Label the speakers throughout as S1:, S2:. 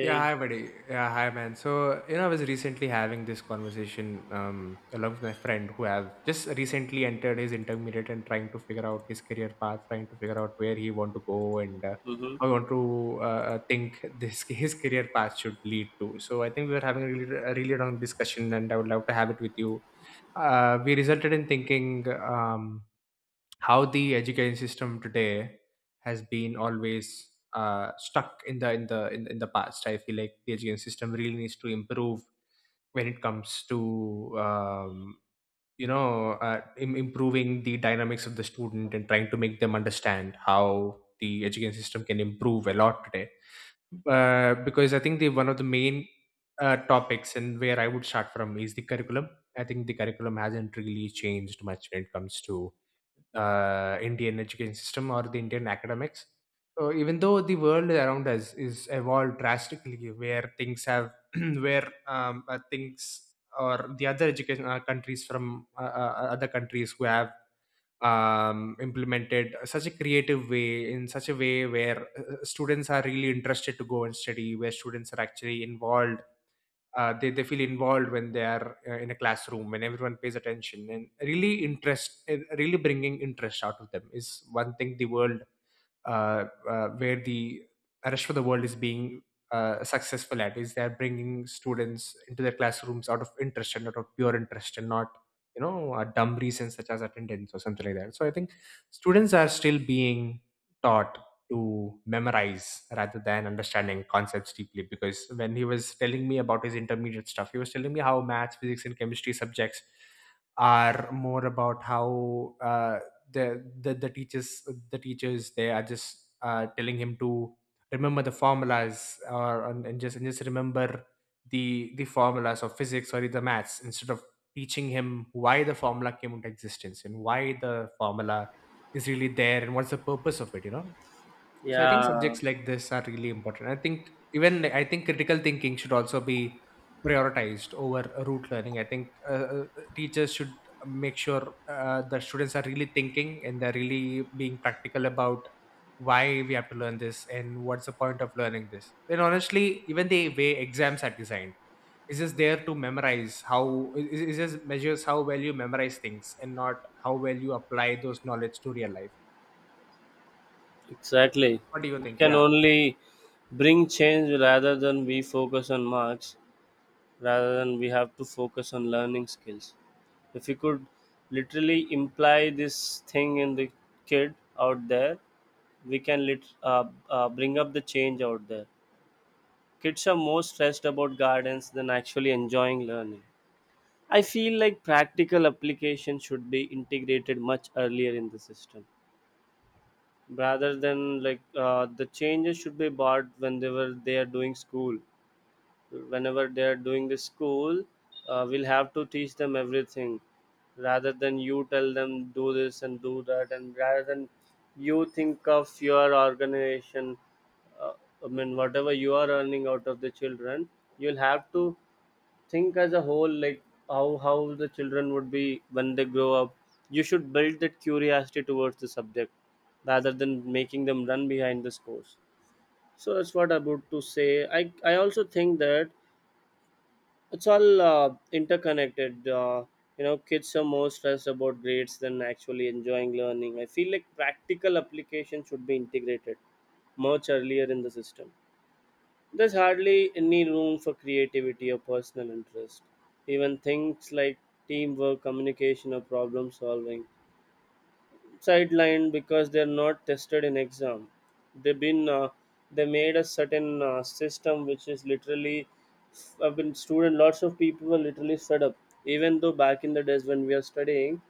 S1: Yeah, hi, buddy. Yeah, hi, man. So, you know, I was recently having this conversation along with my friend who have just recently entered his intermediate and trying to figure out his career path, trying to figure out where he want to go and
S2: hmm
S1: how he want to think this his career path should lead to. So, I think we were having a really long discussion, and I would love to have it with you. We resulted in thinking. Um, how the education system today has been always stuck in the past. I feel like the education system really needs to improve when it comes to um, improving the dynamics of the student and trying to make them understand how the education system can improve a lot today, because I think the one of the main topics and where I would start from is the curriculum. I think the curriculum hasn't really changed much when it comes to Indian education system or the Indian academics. So even though the world around us is evolved drastically, where things have where things or the other education countries from other countries who have implemented such a creative way, in such a way where students are really interested to go and study, where students are actually involved, they feel involved when they are in a classroom, when everyone pays attention, and really interest really bringing interest out of them is one thing the world where the rest of the world is being successful at. Is they're bringing students into their classrooms out of interest and out of pure interest, and not dumb reasons such as attendance or something like that. So I think students are still being taught to memorize rather than understanding concepts deeply. Because when he was telling me about his intermediate stuff, he was telling me how maths, physics, and chemistry subjects are more about how the teachers, the teachers, they are just telling him to remember the formulas, or and just remember the formulas of physics or the maths, instead of teaching him why the formula came into existence and why the formula is really there and what's the purpose of it, you know. So I think
S2: yeah,
S1: subjects like this are really important. I think, even like, I think critical thinking should also be prioritized over rote learning. I think teachers should make sure the students are really thinking and they're really being practical about why we have to learn this and what's the point of learning this. And honestly, even the way exams are designed is just there to memorize. How it just measures how well you memorize things and not how well you apply those knowledge to real life.
S2: exactly.
S1: What do you
S2: We
S1: think?
S2: can
S1: Yeah,
S2: only bring change rather than we focus on marks, rather than we have to focus on learning skills. If we could literally imply this thing in the kid out there, we can bring up the change out there. Kids are more stressed about gardens than actually enjoying learning. I feel like practical application should be integrated much earlier in the system rather than the changes should be bought when they are doing school whenever they are doing the school. We'll have to teach them everything, rather than you tell them do this and do that, and rather than you think of your organization uh, I mean, whatever you are earning out of the children, you'll have to think as a whole, like how the children would be when they grow up. You should build that curiosity towards the subject rather than making them run behind the scores. So that's what I'm about to say. I also think that it's all interconnected. You know, kids are more stressed about grades than actually enjoying learning. I feel like practical application should be integrated much earlier in the system. There's hardly any room for creativity or personal interest. Even things like teamwork, communication, or problem solving sidelined because they're not tested in exam. They've been uh, they made a certain system which is literally I've been student. Lots of people were literally fed up. Even though back in the days when we are studying,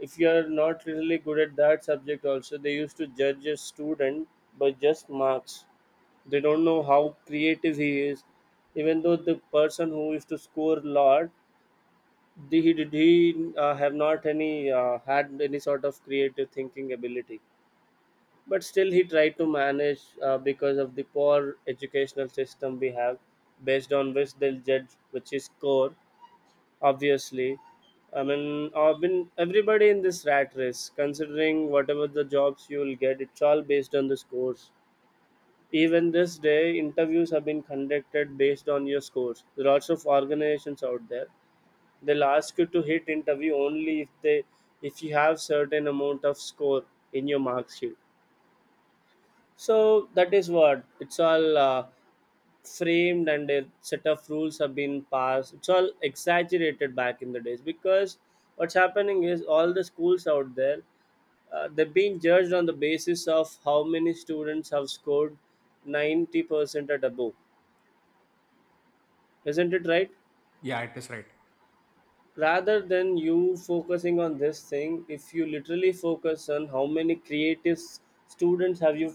S2: if you are not really good at that subject, also they used to judge a student by just marks. They don't know how creative he is. Even though the person who used to score a lot, the- he did he have not any had any sort of creative thinking ability, but still he tried to manage because of the poor educational system we have, based on which they'll judge which is core. Obviously, I mean, I've been everybody in this rat race considering whatever the jobs you will get, it's all based on the scores. Even this day, interviews have been conducted based on your scores. There are lots of organizations out there. They'll ask you to hit interview only if they, if you have certain amount of score in your mark sheet. So that is what it's all framed, and a set of rules have been passed. It's all exaggerated back in the days because what's happening is all the schools out there. They're being judged on the basis of how many students have scored 90% at above, isn't it right?
S1: yeah, it is right.
S2: Rather than you focusing on this thing, if you literally focus on how many students have you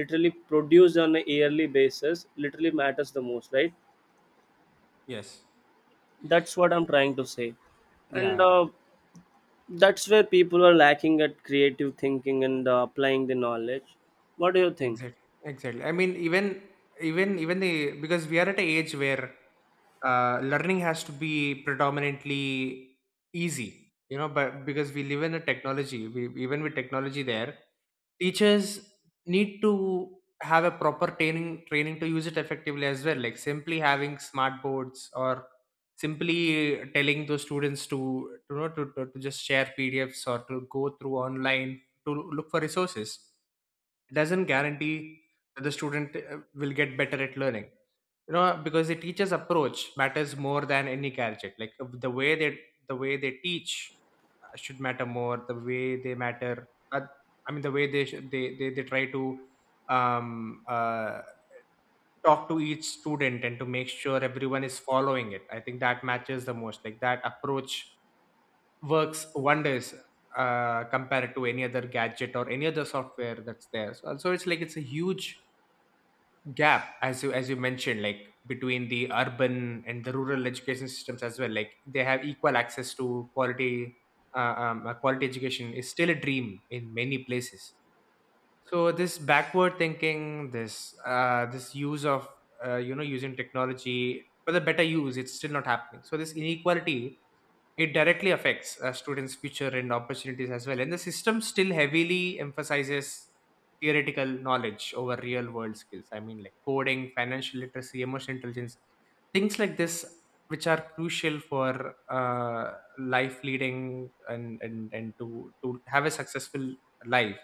S2: literally produced on a yearly basis literally matters the most, right?
S1: Yes.
S2: That's what I'm trying to say. and
S1: Yeah,
S2: uh, that's where people are lacking at creative thinking and applying the knowledge. What do you think?
S1: exactly, exactly. I mean, even the, because we are at an age where learning has to be predominantly easy, you know. But because we live in a technology, we, even with technology there, teachers need to have a proper training to use it effectively as well. Like simply having smart boards or simply telling those students to, you know, to just share pdfs or to go through online to look for resources doesn't guarantee that the student will get better at learning, you know. Because the teacher's approach matters more than any gadget. Like the way they teach should matter more. The way they matter I mean, the way they sh- they try to um, uh, talk to each student and to make sure everyone is following it. I think that matches the most. Like that approach works wonders compared to any other gadget or any other software that's there. So, so it's like it's a huge gap, as you mentioned, like between the urban and the rural education systems as well. Like they have equal access to quality quality education is still a dream in many places. So this backward thinking, this this use of you know, using technology for the better use, it's still not happening. So this inequality, it directly affects a students' future and opportunities as well. And the system still heavily emphasizes theoretical knowledge over real world skills. I mean, like coding, financial literacy, emotional intelligence, things like this, which are crucial for life leading, and to have a successful life.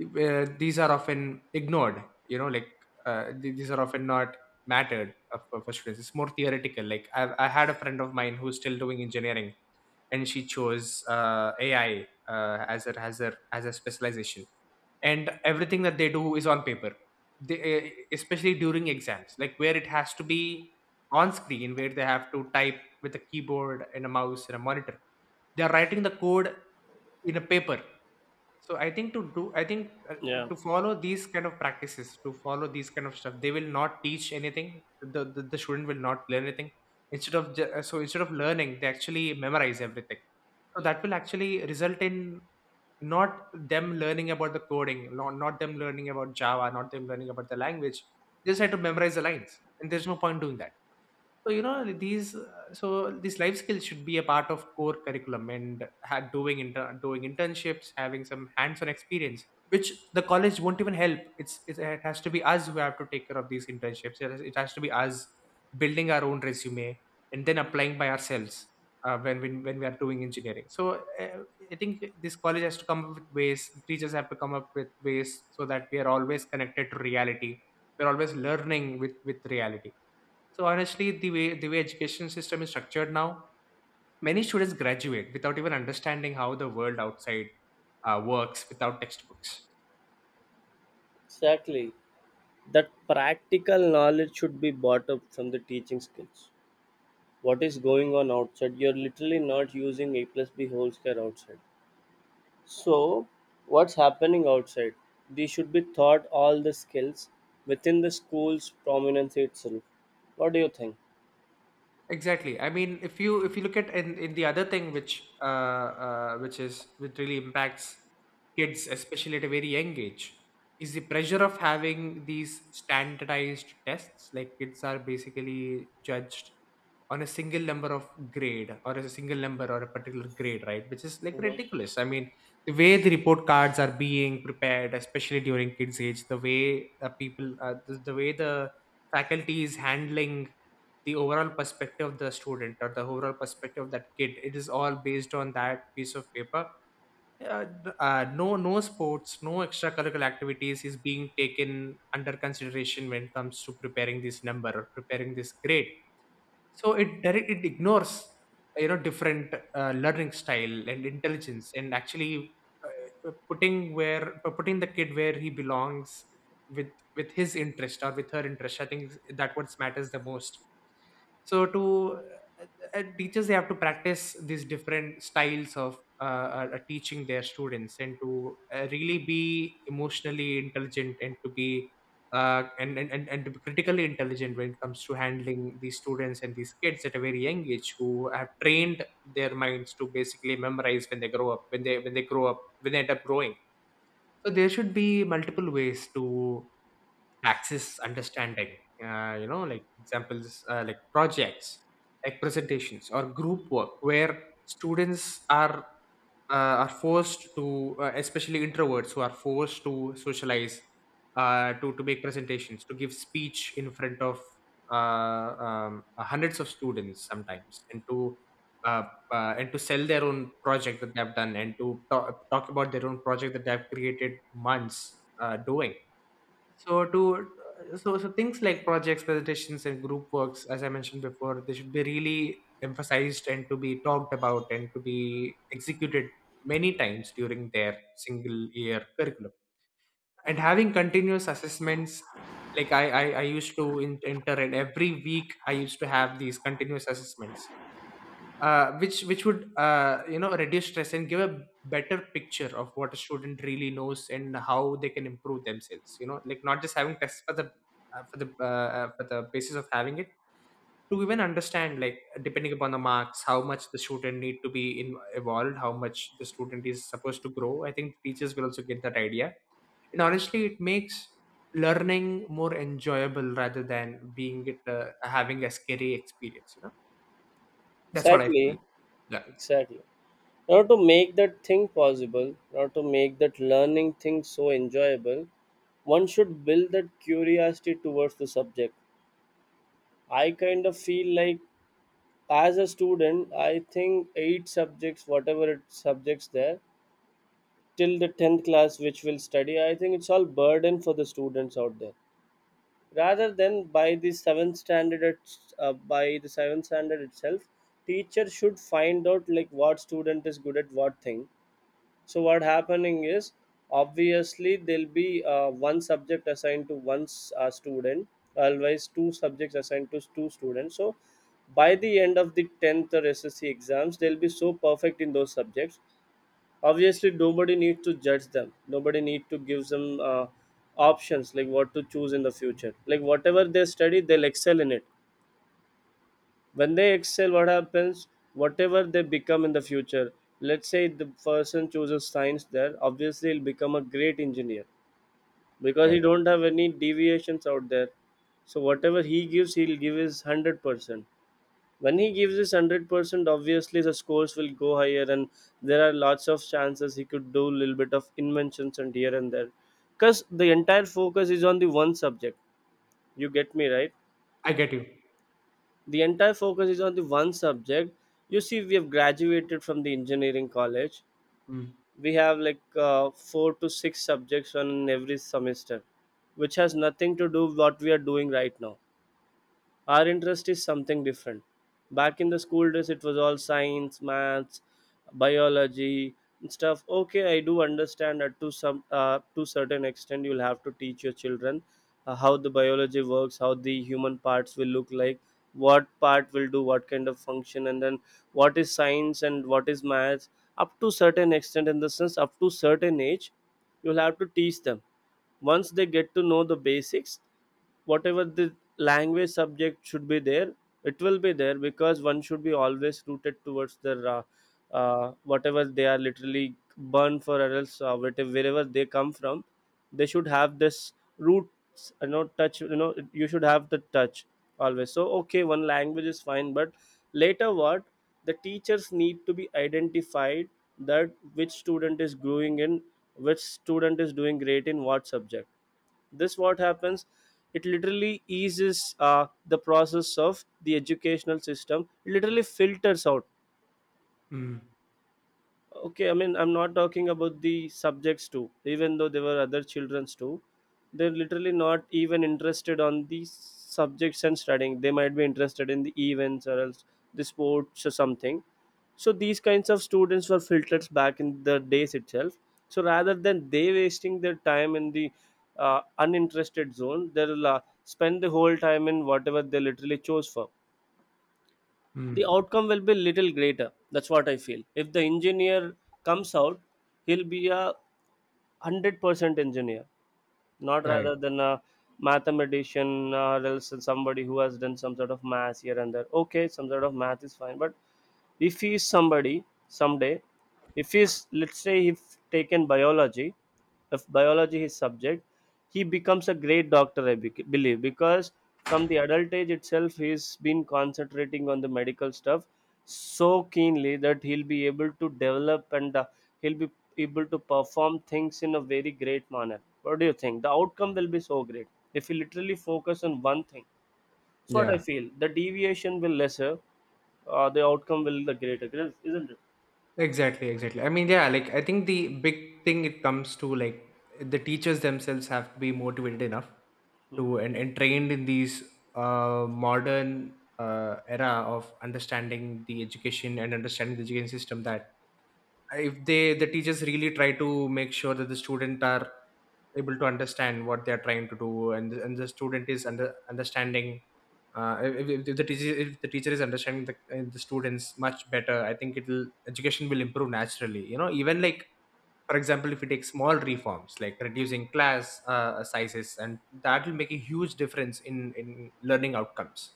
S1: These are often ignored, you know, like these are often not mattered for students. It's more theoretical. Like I had a friend of mine who's still doing engineering, and she chose AI as her as her as a specialization. And everything that they do is on paper. They, especially during exams, like where it has to be on screen, where they have to type with a keyboard and a mouse and a monitor, they are writing the code in a paper. So I think to do, I think
S2: Yeah,
S1: to follow these kind of practices, to follow these kind of stuff, they will not teach anything. The student will not learn anything. So instead of learning, they actually memorize everything. So that will actually result in not them learning about the coding, not them learning about Java, not them learning about the language. They just had to memorize the lines, and there's no point doing that. So you know these, so these life skills should be a part of core curriculum, and doing internships, having some hands-on experience, which the college won't even help. It's, It has to be us who have to take care of these internships. It has to be us building our own resume and then applying by ourselves when we are doing engineering. So uh, I think this college has to come up with ways, teachers have to come up with ways so that we are always connected to reality, we're always learning with reality. So honestly, the way education system is structured now, many students graduate without even understanding how the world outside works without textbooks.
S2: exactly. That practical knowledge should be brought up from the teaching skills. What is going on outside? You're literally not using a plus b whole square outside. So what's happening outside, they should be taught all the skills within the school's prominence itself. What do you think?
S1: Exactly. I mean, if you look at in the other thing, which is which really impacts kids, especially at a very young age, is the pressure of having these standardized tests. Like kids are basically judged on a single number of grade, or as a single number or a particular grade, right? Which is like
S2: hmm
S1: ridiculous. I mean, the way the report cards are being prepared, especially during kids' age, the way the way the faculty is handling the overall perspective of the student, or the overall perspective of that kid, it is all based on that piece of paper. uh, no, no sports, no extracurricular activities is being taken under consideration when it comes to preparing this number or preparing this grade. So it direct it ignores, you know, different learning style and intelligence, and actually putting the kid where he belongs with his interest or with her interest. I think that what matters the most. So to uh, teachers, they have to practice these different styles of teaching their students, and to really be emotionally intelligent, and to be and to be critically intelligent when it comes to handling these students and these kids at a very young age, who have trained their minds to basically memorize when they grow up, when they grow up, when they end up growing. So there should be multiple ways to access, understanding, you know, like examples, like projects, like presentations or group work, where students are forced to, especially introverts who are forced to socialize, to make presentations, to give speech in front of hundreds of students sometimes, uh, and to sell their own project that they have done, and to talk about their own project that they have created months doing. So to things like projects, presentations, and group works, as I mentioned before, they should be really emphasized, and to be talked about, and to be executed many times during their single year curriculum. And having continuous assessments, like I used to enter in every week, I used to have these continuous assessments which would reduce stress and give a better picture of what a student really knows and how they can improve themselves, you know, like not just having tests for the uh, for the uh, for the basis of having it to even understand, like, depending upon the marks how much the student need to be evolved, how much the student is supposed to grow. I think teachers will also get that idea, and honestly it makes learning more enjoyable rather than being it having a scary experience, you know? That's what I
S2: exactly,
S1: feel. Yeah.
S2: exactly. In order to make that thing possible, in order to make that learning thing so enjoyable, one should build that curiosity towards the subject. I kind of feel like, as a student, I think eight subjects, whatever it subjects there till the 10th class which will study, I think it's all burden for the students out there. Rather than by the 7th standard, by the 7th standard itself, teacher should find out like what student is good at what thing. So what happening is, obviously there'll be one subject assigned to one student, always two subjects assigned to two students. So by the end of the 10th or SSC exams, they'll be so perfect in those subjects. Obviously, nobody needs to judge them. Nobody need to give them options like what to choose in the future. Like whatever they study, they'll excel in it. When they excel, what happens, whatever they become in the future, let's say the person chooses science there, obviously he'll become a great engineer because he
S1: Right.
S2: don't have any deviations out there. So whatever he gives, he'll give his 100%. When he gives his 100%, obviously the scores will go higher, and there are lots of chances he could do a little bit of inventions and here and there because the entire focus is on the one subject. You get me right?
S1: I get you.
S2: The entire focus is on the one subject. You see, we have graduated from the engineering college.
S1: Mm.
S2: We have like four to six subjects on every semester which has nothing to do what we are doing right now. Our interest is something different. Back in the school days, it was all science, maths, biology and stuff. Okay, I do understand that to some to certain extent, you'll have to teach your children how the biology works, how the human parts will look like, what part will do what kind of function, and then what is science and what is maths. Up to certain extent, in the sense, up to certain age, you'll have to teach them. Once they get to know the basics, whatever the language subject should be there, it will be there because one should be always rooted towards their whatever they are literally born for, or else whatever, wherever they come from, they should have this roots, you know, touch, you know, you should have the touch always. So okay, one language is fine, but later what, the teachers need to be identified, that which student is growing in, which student is doing great in what subject. This what happens, it literally eases the process of the educational system. It literally filters out.
S1: Mm.
S2: Okay, I mean, I'm not talking about the subjects too. Even though there were other childrens too, they're literally not even interested on the subjects and studying, they might be interested in the events or else the sports or something. So these kinds of students were filtered back in the days itself. So rather than they wasting their time in the uninterested zone, they'll spend the whole time in whatever they literally chose for. The
S1: Mm.
S2: outcome will be little greater. That's what I feel. If the engineer comes out, he'll be 100% engineer, not
S1: Right.
S2: rather than a mathematician or else somebody who has done some sort of math here and there. Okay, some sort of math is fine, but if he is somebody someday, if he's, let's say, if taken biology, if biology is subject, he becomes a great doctor, I believe, because from the adult age itself he's been concentrating on the medical stuff so keenly that he'll be able to develop, and he'll be able to perform things in a very great manner. What do you think? The outcome will be so great if you literally focus on one thing. That's what I
S1: Yeah.
S2: feel. The deviation will lesser, the outcome will the greater, isn't it?
S1: Exactly. Exactly. I mean, yeah. Like, I think the big thing it comes to, like, the teachers themselves have to be motivated enough to and trained in these modern era of understanding the education and understanding the education system, that if the teachers really try to make sure that the student are able to understand what they are trying to do, and the student is understanding. If if the teacher, if the teacher is understanding the students much better, I think it'll education will improve naturally, you know. Even, like, for example, if you take small reforms like reducing class sizes, and that will make a huge difference in learning outcomes.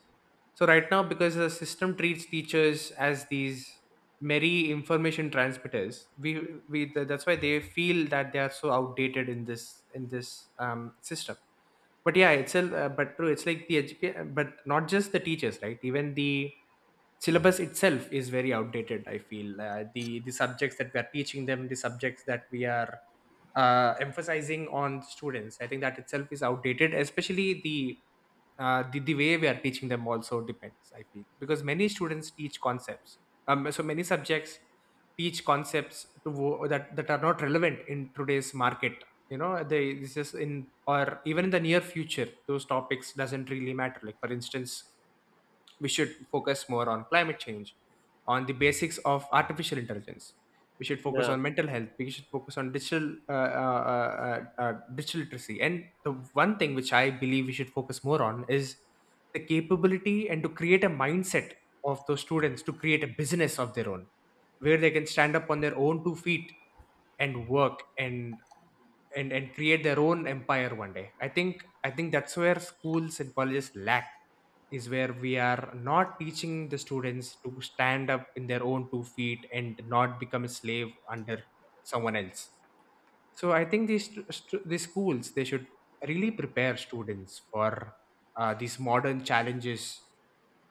S1: So right now, because the system treats teachers as these merry information transmitters, that's why they feel that they are so outdated in this system. But yeah, it's a, but true, it's like the education, but not just the teachers, right? Even the syllabus itself is very outdated, I feel. The subjects that we are teaching them, the subjects that we are emphasizing on students, I think that itself is outdated, especially the the way we are teaching them also depends, I feel, because many students teach concepts, so many subjects teach concepts that are not relevant in today's market, you know? They this is in or even in the near future, those topics doesn't really matter. Like, for instance, we should focus more on climate change, on the basics of artificial intelligence. We should focus
S2: Yeah,
S1: on mental health. We should focus on digital digital literacy. And the one thing which I believe we should focus more on is the capability and to create a mindset of those students to create a business of their own, where they can stand up on their own two feet and work and create their own empire one day. I think that's where schools and colleges lack, is where we are not teaching the students to stand up in their own two feet and not become a slave under someone else. So I think these these schools, they should really prepare students for these modern challenges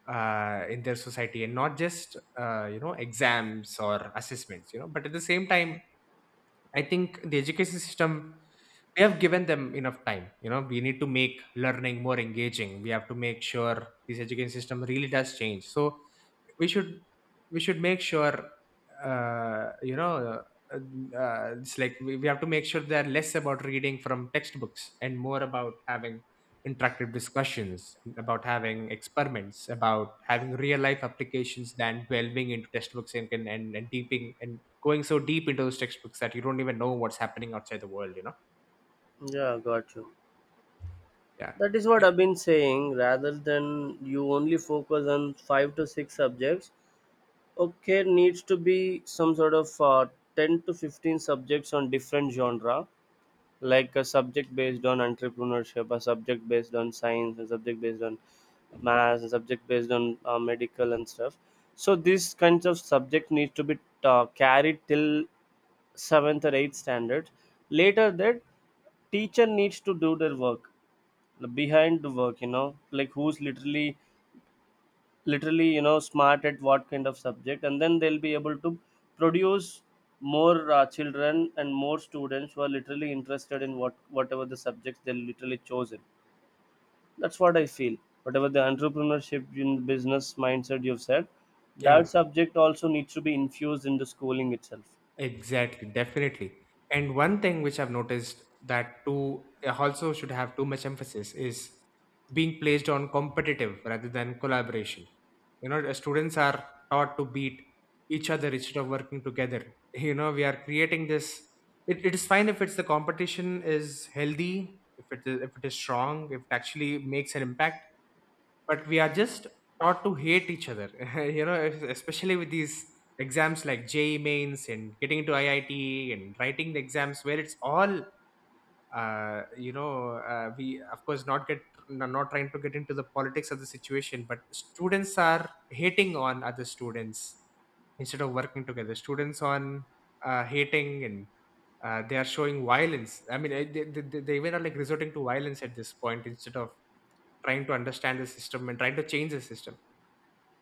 S1: in their society and not just, exams or assessments. You know, but at the same time, I think the education system, we have given them enough time. You know, we need to make learning more engaging. We have to make sure this education system really does change. So we should we should make sure, uh, you know uh, it's like we have to make sure they're less about reading from textbooks and more about having interactive discussions, about having experiments, about having real life applications than delving into textbooks and, and deeping and going so deep into those textbooks that you don't even know what's happening outside the world, you know?
S2: yeah, got you.
S1: Yeah.
S2: That is what I've been saying. Rather than you only focus on five to six subjects, okay, needs to be some sort of 10 to 15 subjects on different genre, like a subject based on entrepreneurship, a subject based on science, a subject based on math, a subject based on medical and stuff. So these kinds of subject needs to be carried till 7th or 8th standard. Later, that teacher needs to do their work, the behind the work. You know, like who's literally, literally, you know, smart at what kind of subject, and then they'll be able to produce more children and more students who are literally interested in what whatever the subjects they literally chosen. That's what I feel. Whatever the entrepreneurship in business mindset you've said,
S1: Yeah.
S2: that subject also needs to be infused in the schooling itself.
S1: Exactly, definitely. And one thing which I've noticed that too also should have too much emphasis is being placed on competitive rather than collaboration. You know, the students are taught to beat each other instead of working together. You know, we are creating this. It is fine if it's the competition is healthy, if it is strong, if it actually makes an impact, but we are just taught to hate each other. You know, especially with these exams like JEE mains and getting into IIT and writing the exams where it's all, we of course not get, not trying to get into the politics of the situation, but students are hating on other students instead of working together. Students on hating and they are showing violence. I mean, they they even are like resorting to violence at this point instead of trying to understand the system and trying to change the system.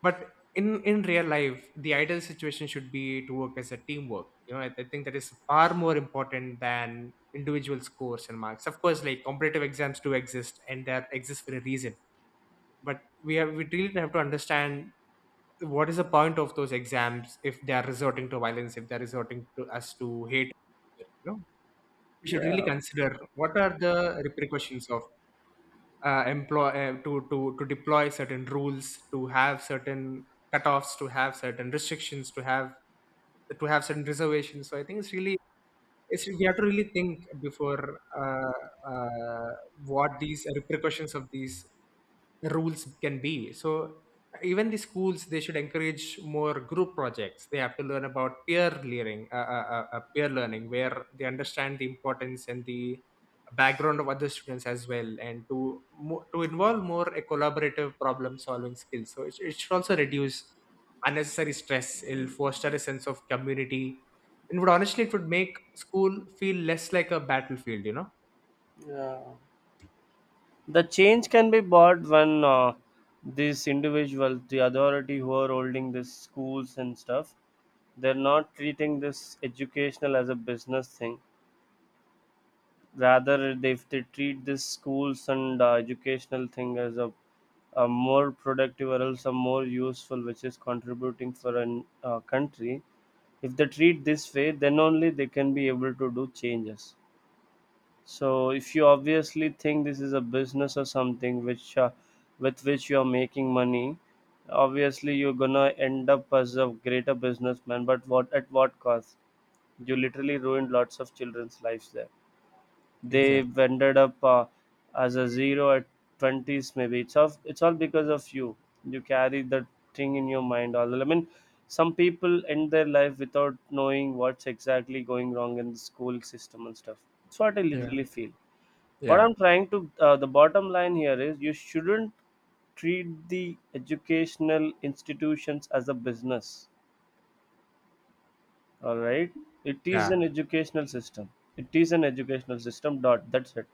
S1: But in real life, the ideal situation should be to work as a teamwork, you know? I think that is far more important than individual scores and marks. Of course, like, competitive exams do exist and they exist for a reason, but we really have to understand what is the point of those exams if they are resorting to violence, if they're resorting to us to hate, you know? We should really
S2: Yeah,
S1: consider what are the repercussions of employ to deploy certain rules, to have certain cutoffs, to have certain restrictions, to have certain reservations. So I think it's really, if you- we have to really think before, uh, uh, what these repercussions of these rules can be. So even the schools, they should encourage more group projects. They have to learn about peer learning, peer learning, where they understand the importance and the background of other students as well, and to to involve more a collaborative problem solving skill, so it should also reduce unnecessary stress, it'll foster a sense of community, and would, honestly, it would make school feel less like a battlefield, you know?
S2: yeah. The change can be bought when these individuals, the authority who are holding these schools and stuff, they're not treating this educational as a business thing. Rather, they, if they treat this schools and educational thing as a more productive or else a more useful, which is contributing for a country, if they treat this way, then only they can be able to do changes. So if you obviously think this is a business or something which with which you are making money, obviously you're gonna end up as a greater businessman. But what at what cost? You literally ruined lots of children's lives there. They
S1: Exactly.
S2: ended up as a zero at twenties maybe. It's all because of you. You carry that thing in your mind all the. I mean, some people end their life without knowing what's exactly going wrong in the school system and stuff. That's what I
S1: Yeah.
S2: literally feel what
S1: Yeah.
S2: I'm trying to the bottom line here is you shouldn't treat the educational institutions as a business, all right? It is
S1: Yeah.
S2: an educational system. It is an educational system dot that's it.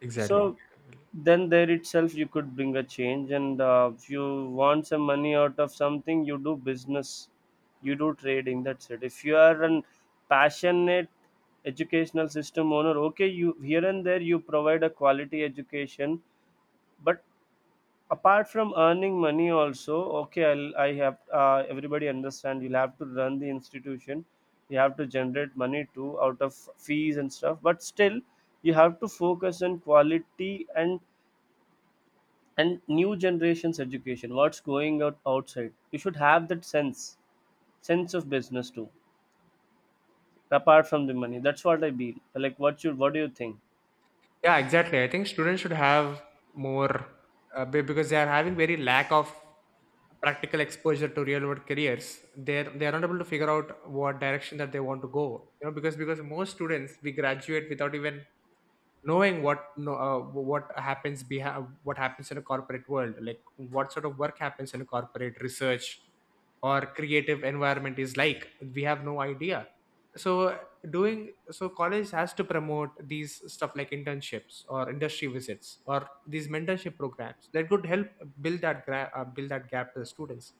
S1: Exactly.
S2: So then there itself you could bring a change, and if you want some money out of something, you do business, you do trading, that's it. If you are an passionate educational system owner, okay, you here and there you provide a quality education, but apart from earning money also, okay, I'll, I have everybody understand you'll have to run the institution, you have to generate money too out of fees and stuff, but still you have to focus on quality and new generations education, what's going out outside, you should have that sense of business too apart from the money. That's what I mean. Like, what do you think?
S1: Yeah, exactly. I think students should have more, because they are having very lack of practical exposure to real world careers. They're they are not able to figure out what direction that they want to go. You know, because most students we graduate without even knowing what, no, what happens behind, what happens in a corporate world, like what sort of work happens in a corporate research or creative environment is like. We have no idea. So doing, so college has to promote these stuff like internships or industry visits or these mentorship programs that could help build that build that gap to the students,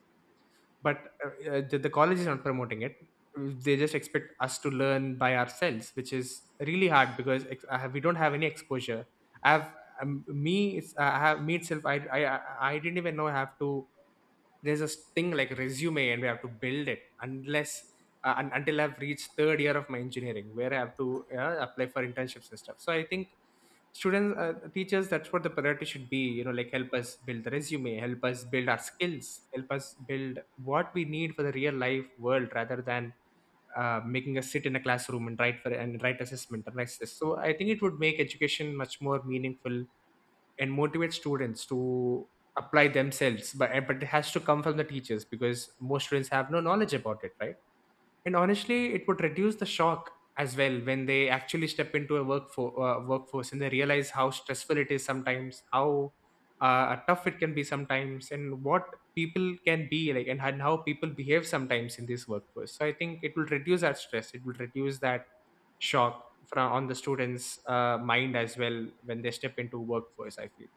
S1: but the college is not promoting it. They just expect us to learn by ourselves, which is really hard because, I have, we don't have any exposure. I have, me. It's I have me itself. I didn't even know I have to. There's this thing like resume, and we have to build it unless, until I've reached third year of my engineering, where I have to apply for internships and stuff. So I think students, teachers, that's what the priority should be, you know, like help us build the resume, help us build our skills, help us build what we need for the real life world rather than making us sit in a classroom and write for and write assessment and like this. So I think it would make education much more meaningful and motivate students to apply themselves, but it has to come from the teachers because most students have no knowledge about it, right? And honestly, it would reduce the shock as well when they actually step into a workforce, and they realize how stressful it is sometimes, how tough it can be sometimes, and what people can be like, and how people behave sometimes in this workforce. So I think it will reduce that stress, it will reduce that shock from on the students mind as well when they step into workforce, I feel.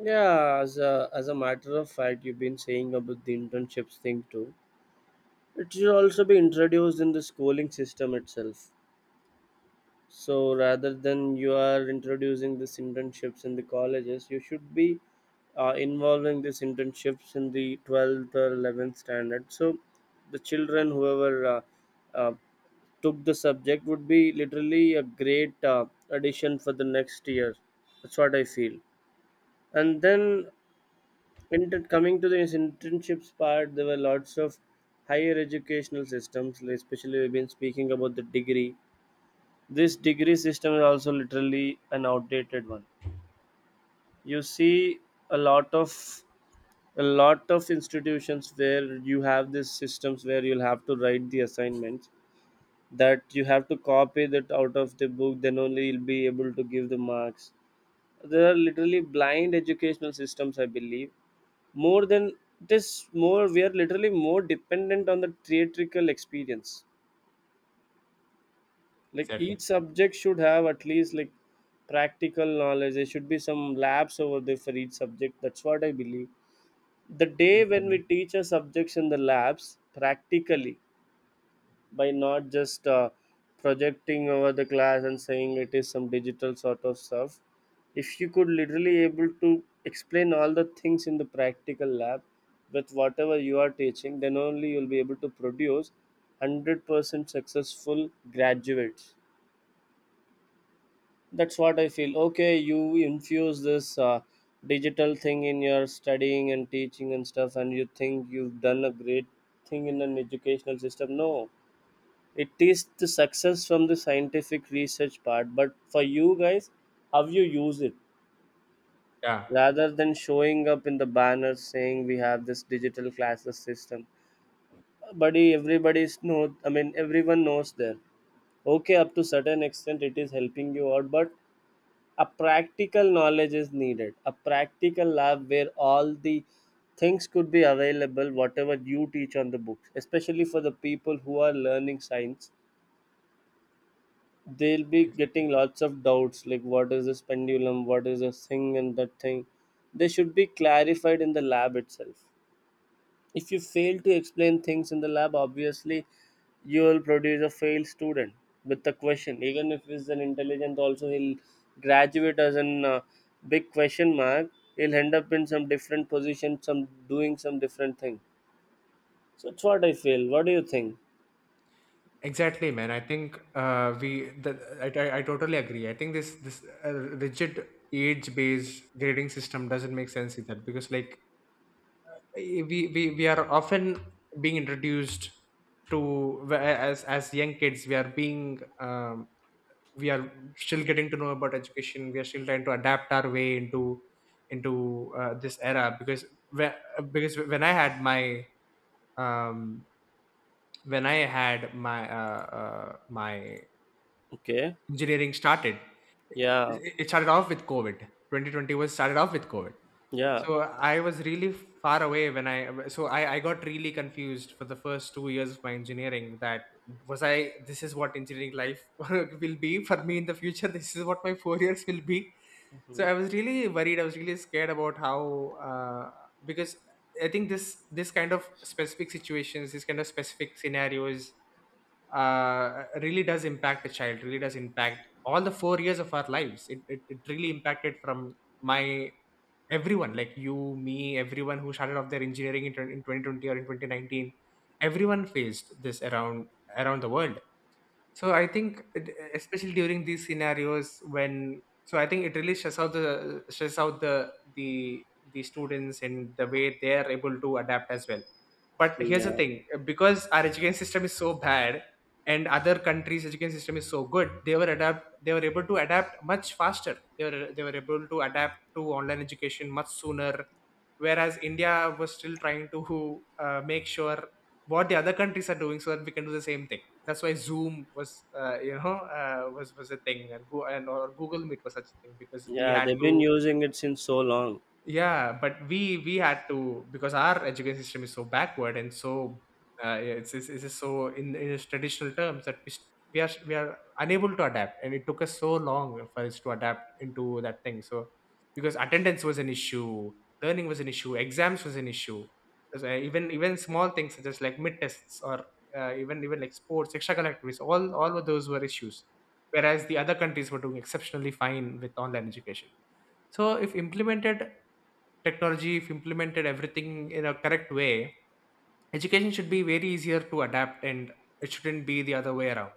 S2: Yeah, as a matter of fact, you've been saying about the internships thing too. It should also be introduced in the schooling system itself. So rather than you are introducing these internships in the colleges, you should be involving these internships in the 12th or 11th standard. So the children, whoever uh, took the subject, would be literally a great addition for the next year. That's what I feel. And then coming to the internships part, there were lots of higher educational systems, like especially we've been speaking about the degree. This degree system is also literally an outdated one. You see a lot of a lot of institutions where you have these systems where you'll have to write the assignments that you have to copy that out of the book, then only you'll be able to give the marks. There are literally blind educational systems, I believe. More than It is more we are literally more dependent on the theatrical experience. Like each
S1: Exactly.
S2: subject should have at least like practical knowledge. There should be some labs over there for each subject. That's what I believe. The day when we
S1: Exactly.
S2: teach our subjects in the labs practically by not just projecting over the class and saying it is some digital sort of stuff, if you could literally able to explain all the things in the practical lab with whatever you are teaching, then only you'll be able to produce 100% successful graduates. That's what I feel. Okay, you infuse this digital thing in your studying and teaching and stuff, and you think you've done a great thing in an educational system? No, it is the success from the scientific research part, but for you guys, how you use it
S1: Yeah.
S2: rather than showing up in the banner saying we have this digital classes system. Buddy, everybody's know. I mean, everyone knows there. Okay, up to certain extent, it is helping you out, but a practical knowledge is needed. A practical lab where all the things could be available, whatever you teach on the books. Especially for the people who are learning science, they'll be getting lots of doubts, like what is this pendulum, what is this thing and that thing. They should be clarified in the lab itself. If you fail to explain things in the lab, obviously you will produce a failed student with the question. Even if he's an intelligent also, he'll graduate as an big question mark. He'll end up in some different position, some doing some different thing. So it's what I feel. What do you think?
S1: Exactly, man. I think, we. The, I totally agree. I think this rigid age based grading system doesn't make sense either, because, like, we are often being introduced to, as young kids, we are being, we are still getting to know about education. We are still trying to adapt our way into this era, because when, when I had my, um my
S2: Okay.
S1: engineering started.
S2: Yeah,
S1: It started off with COVID. 2020 was started off with COVID.
S2: yeah.
S1: So I was really far away when I got really confused for the first 2 years of my engineering, that was I, this is what engineering life will be for me in the future. This is what my 4 years will be. So
S2: Mhm.
S1: I was really worried. I was really scared about how because I think this this kind of specific situations, this kind of specific scenarios, really does impact a child, really does impact all the 4 years of our lives. It really impacted from my everyone, like you, me, everyone who started off their engineering in, 20 in 2020 or in 2019. Everyone faced this around the world. So I think, especially during these scenarios, when so I think it really stresses out the the students and the way they are able to adapt as well. But here's the
S2: Yeah.
S1: thing: because our education system is so bad, and other countries' education system is so good, they were adapt they were able to adapt much faster. They were able to adapt to online education much sooner, whereas India was still trying to make sure what the other countries are doing so that we can do the same thing. That's why Zoom was, was a thing, and go and or Google Meet was such a thing because we
S2: Yeah,
S1: had
S2: they've been
S1: to.
S2: using it since so long.
S1: Yeah, but we had to because our education system is so backward and so yeah, it's just so in its traditional terms that we are unable to adapt, and it took us so long for us to adapt into that thing. So because attendance was an issue, learning was an issue, exams was an issue. Because, even small things such as like mid tests, or even like sports, extracurricular activities, all of those were issues, whereas the other countries were doing exceptionally fine with online education. So if implemented, technology, if implemented everything in a correct way, education should be very easier to adapt, and it shouldn't be the other way around.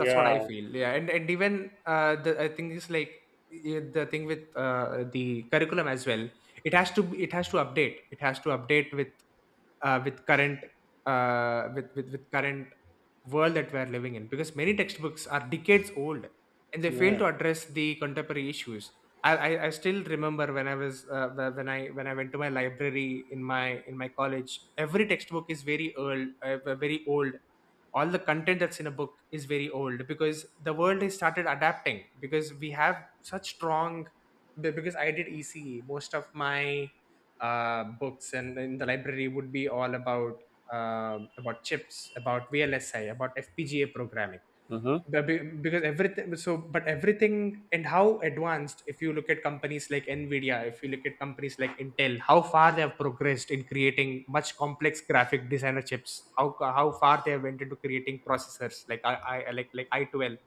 S1: That's what I feel. Yeah, and even the I think it's like, yeah, the thing with the curriculum as well, it has to, it has to update it has to update uh with current with current world that we are living in, because many textbooks are decades old and they fail
S2: yeah.
S1: to address the contemporary issues. I still remember when I was when I went to my library in my college. Every textbook is very old, all the content that's in a book is very old. Because the world has started adapting, because we have such strong, because I did ECE, most of my books and in the library would be all about chips, about VLSI, about FPGA programming.
S2: Uh-huh.
S1: But be- because everything so but everything, and how advanced, if you look at companies like Nvidia, if you look at companies like Intel, how far they have progressed in creating much complex graphic designer chips, how far they have went into creating processors like I like i12,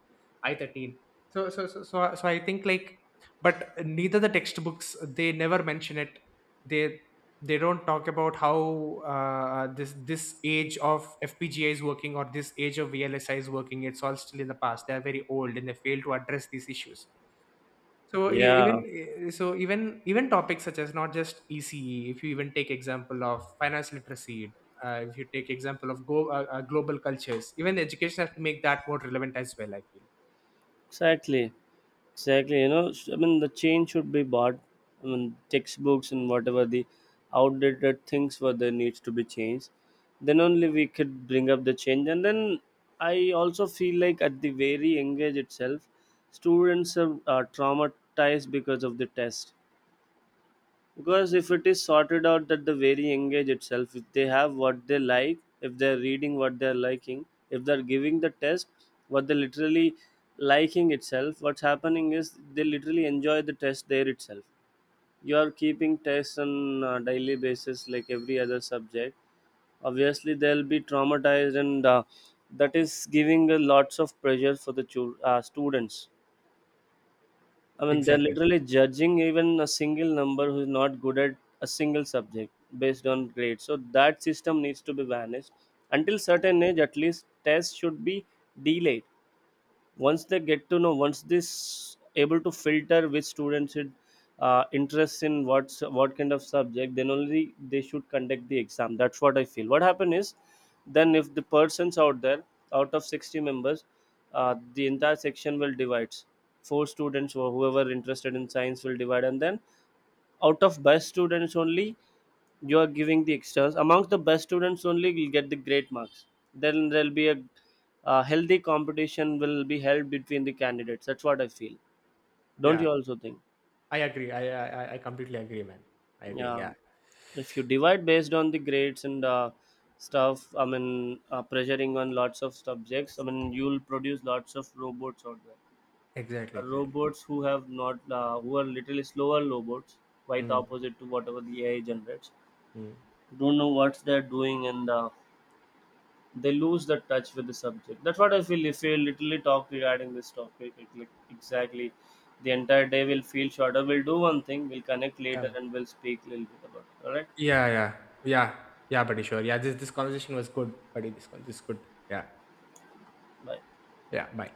S1: i13. So I think like, but neither the textbooks, they never mention it. They They don't talk about how this this age of FPGA is working or this age of VLSI is working. It's all still in the past. They are very old and they fail to address these issues. So e- even
S2: Yeah.
S1: e, so even even topics such as, not just ECE, if you even take example of finance literacy, if you take example of global cultures, even education has to make that more relevant as well, I feel.
S2: Exactly, exactly. You know, I mean, the change should be bought. I mean, textbooks and whatever the outdated things were there needs to be changed. Then only we could bring up the change. And then I also feel like at the very young age itself, students are traumatized because of the test, because if it is sorted out that the very engage itself, if they have what they like, if they're reading what they're liking, if they're giving the test what they're literally liking itself, what's happening is they literally enjoy the test there itself. You are keeping tests on a daily basis like every other subject, obviously they'll be traumatized, and that is giving a lots of pressure for the students. I mean, they're
S1: Exactly.
S2: literally judging even a single number who's not good at a single subject based on grades. So that system needs to be vanished. Until certain age, at least tests should be delayed. Once they get to know, once this able to filter which students should interests in what's what kind of subject, then only they should conduct the exam. That's what I feel. What happen is, then if the persons out there, out of 60 members, the entire section will divide, four students or whoever interested in science will divide, and then out of best students only, you are giving the extras, amongst the best students only will get the great marks. Then there'll be a healthy competition will be held between the candidates. That's what I feel. Don't
S1: Yeah,
S2: you also think?
S1: I agree. I I completely agree, man. I agree.
S2: Yeah,
S1: Yeah.
S2: if you divide based on the grades and stuff, I mean, pressuring on lots of subjects, I mean, you'll produce lots of robots out there.
S1: Exactly. Exactly.
S2: Robots who have not who are literally slower robots, quite
S1: Mm,
S2: opposite to whatever the AI generates,
S1: mm.
S2: don't know what they're doing, and they lose the touch with the subject. That's what I feel. If we literally talk regarding this topic, like exactly, the entire day will feel shorter. We'll do one thing. We'll connect
S1: Yeah,
S2: later
S1: man.
S2: and we'll speak a little bit about it. All right.
S1: Yeah, yeah. Yeah. Yeah, buddy, sure. Yeah, this conversation was good, buddy. This is good. Yeah.
S2: Bye.
S1: Yeah, bye.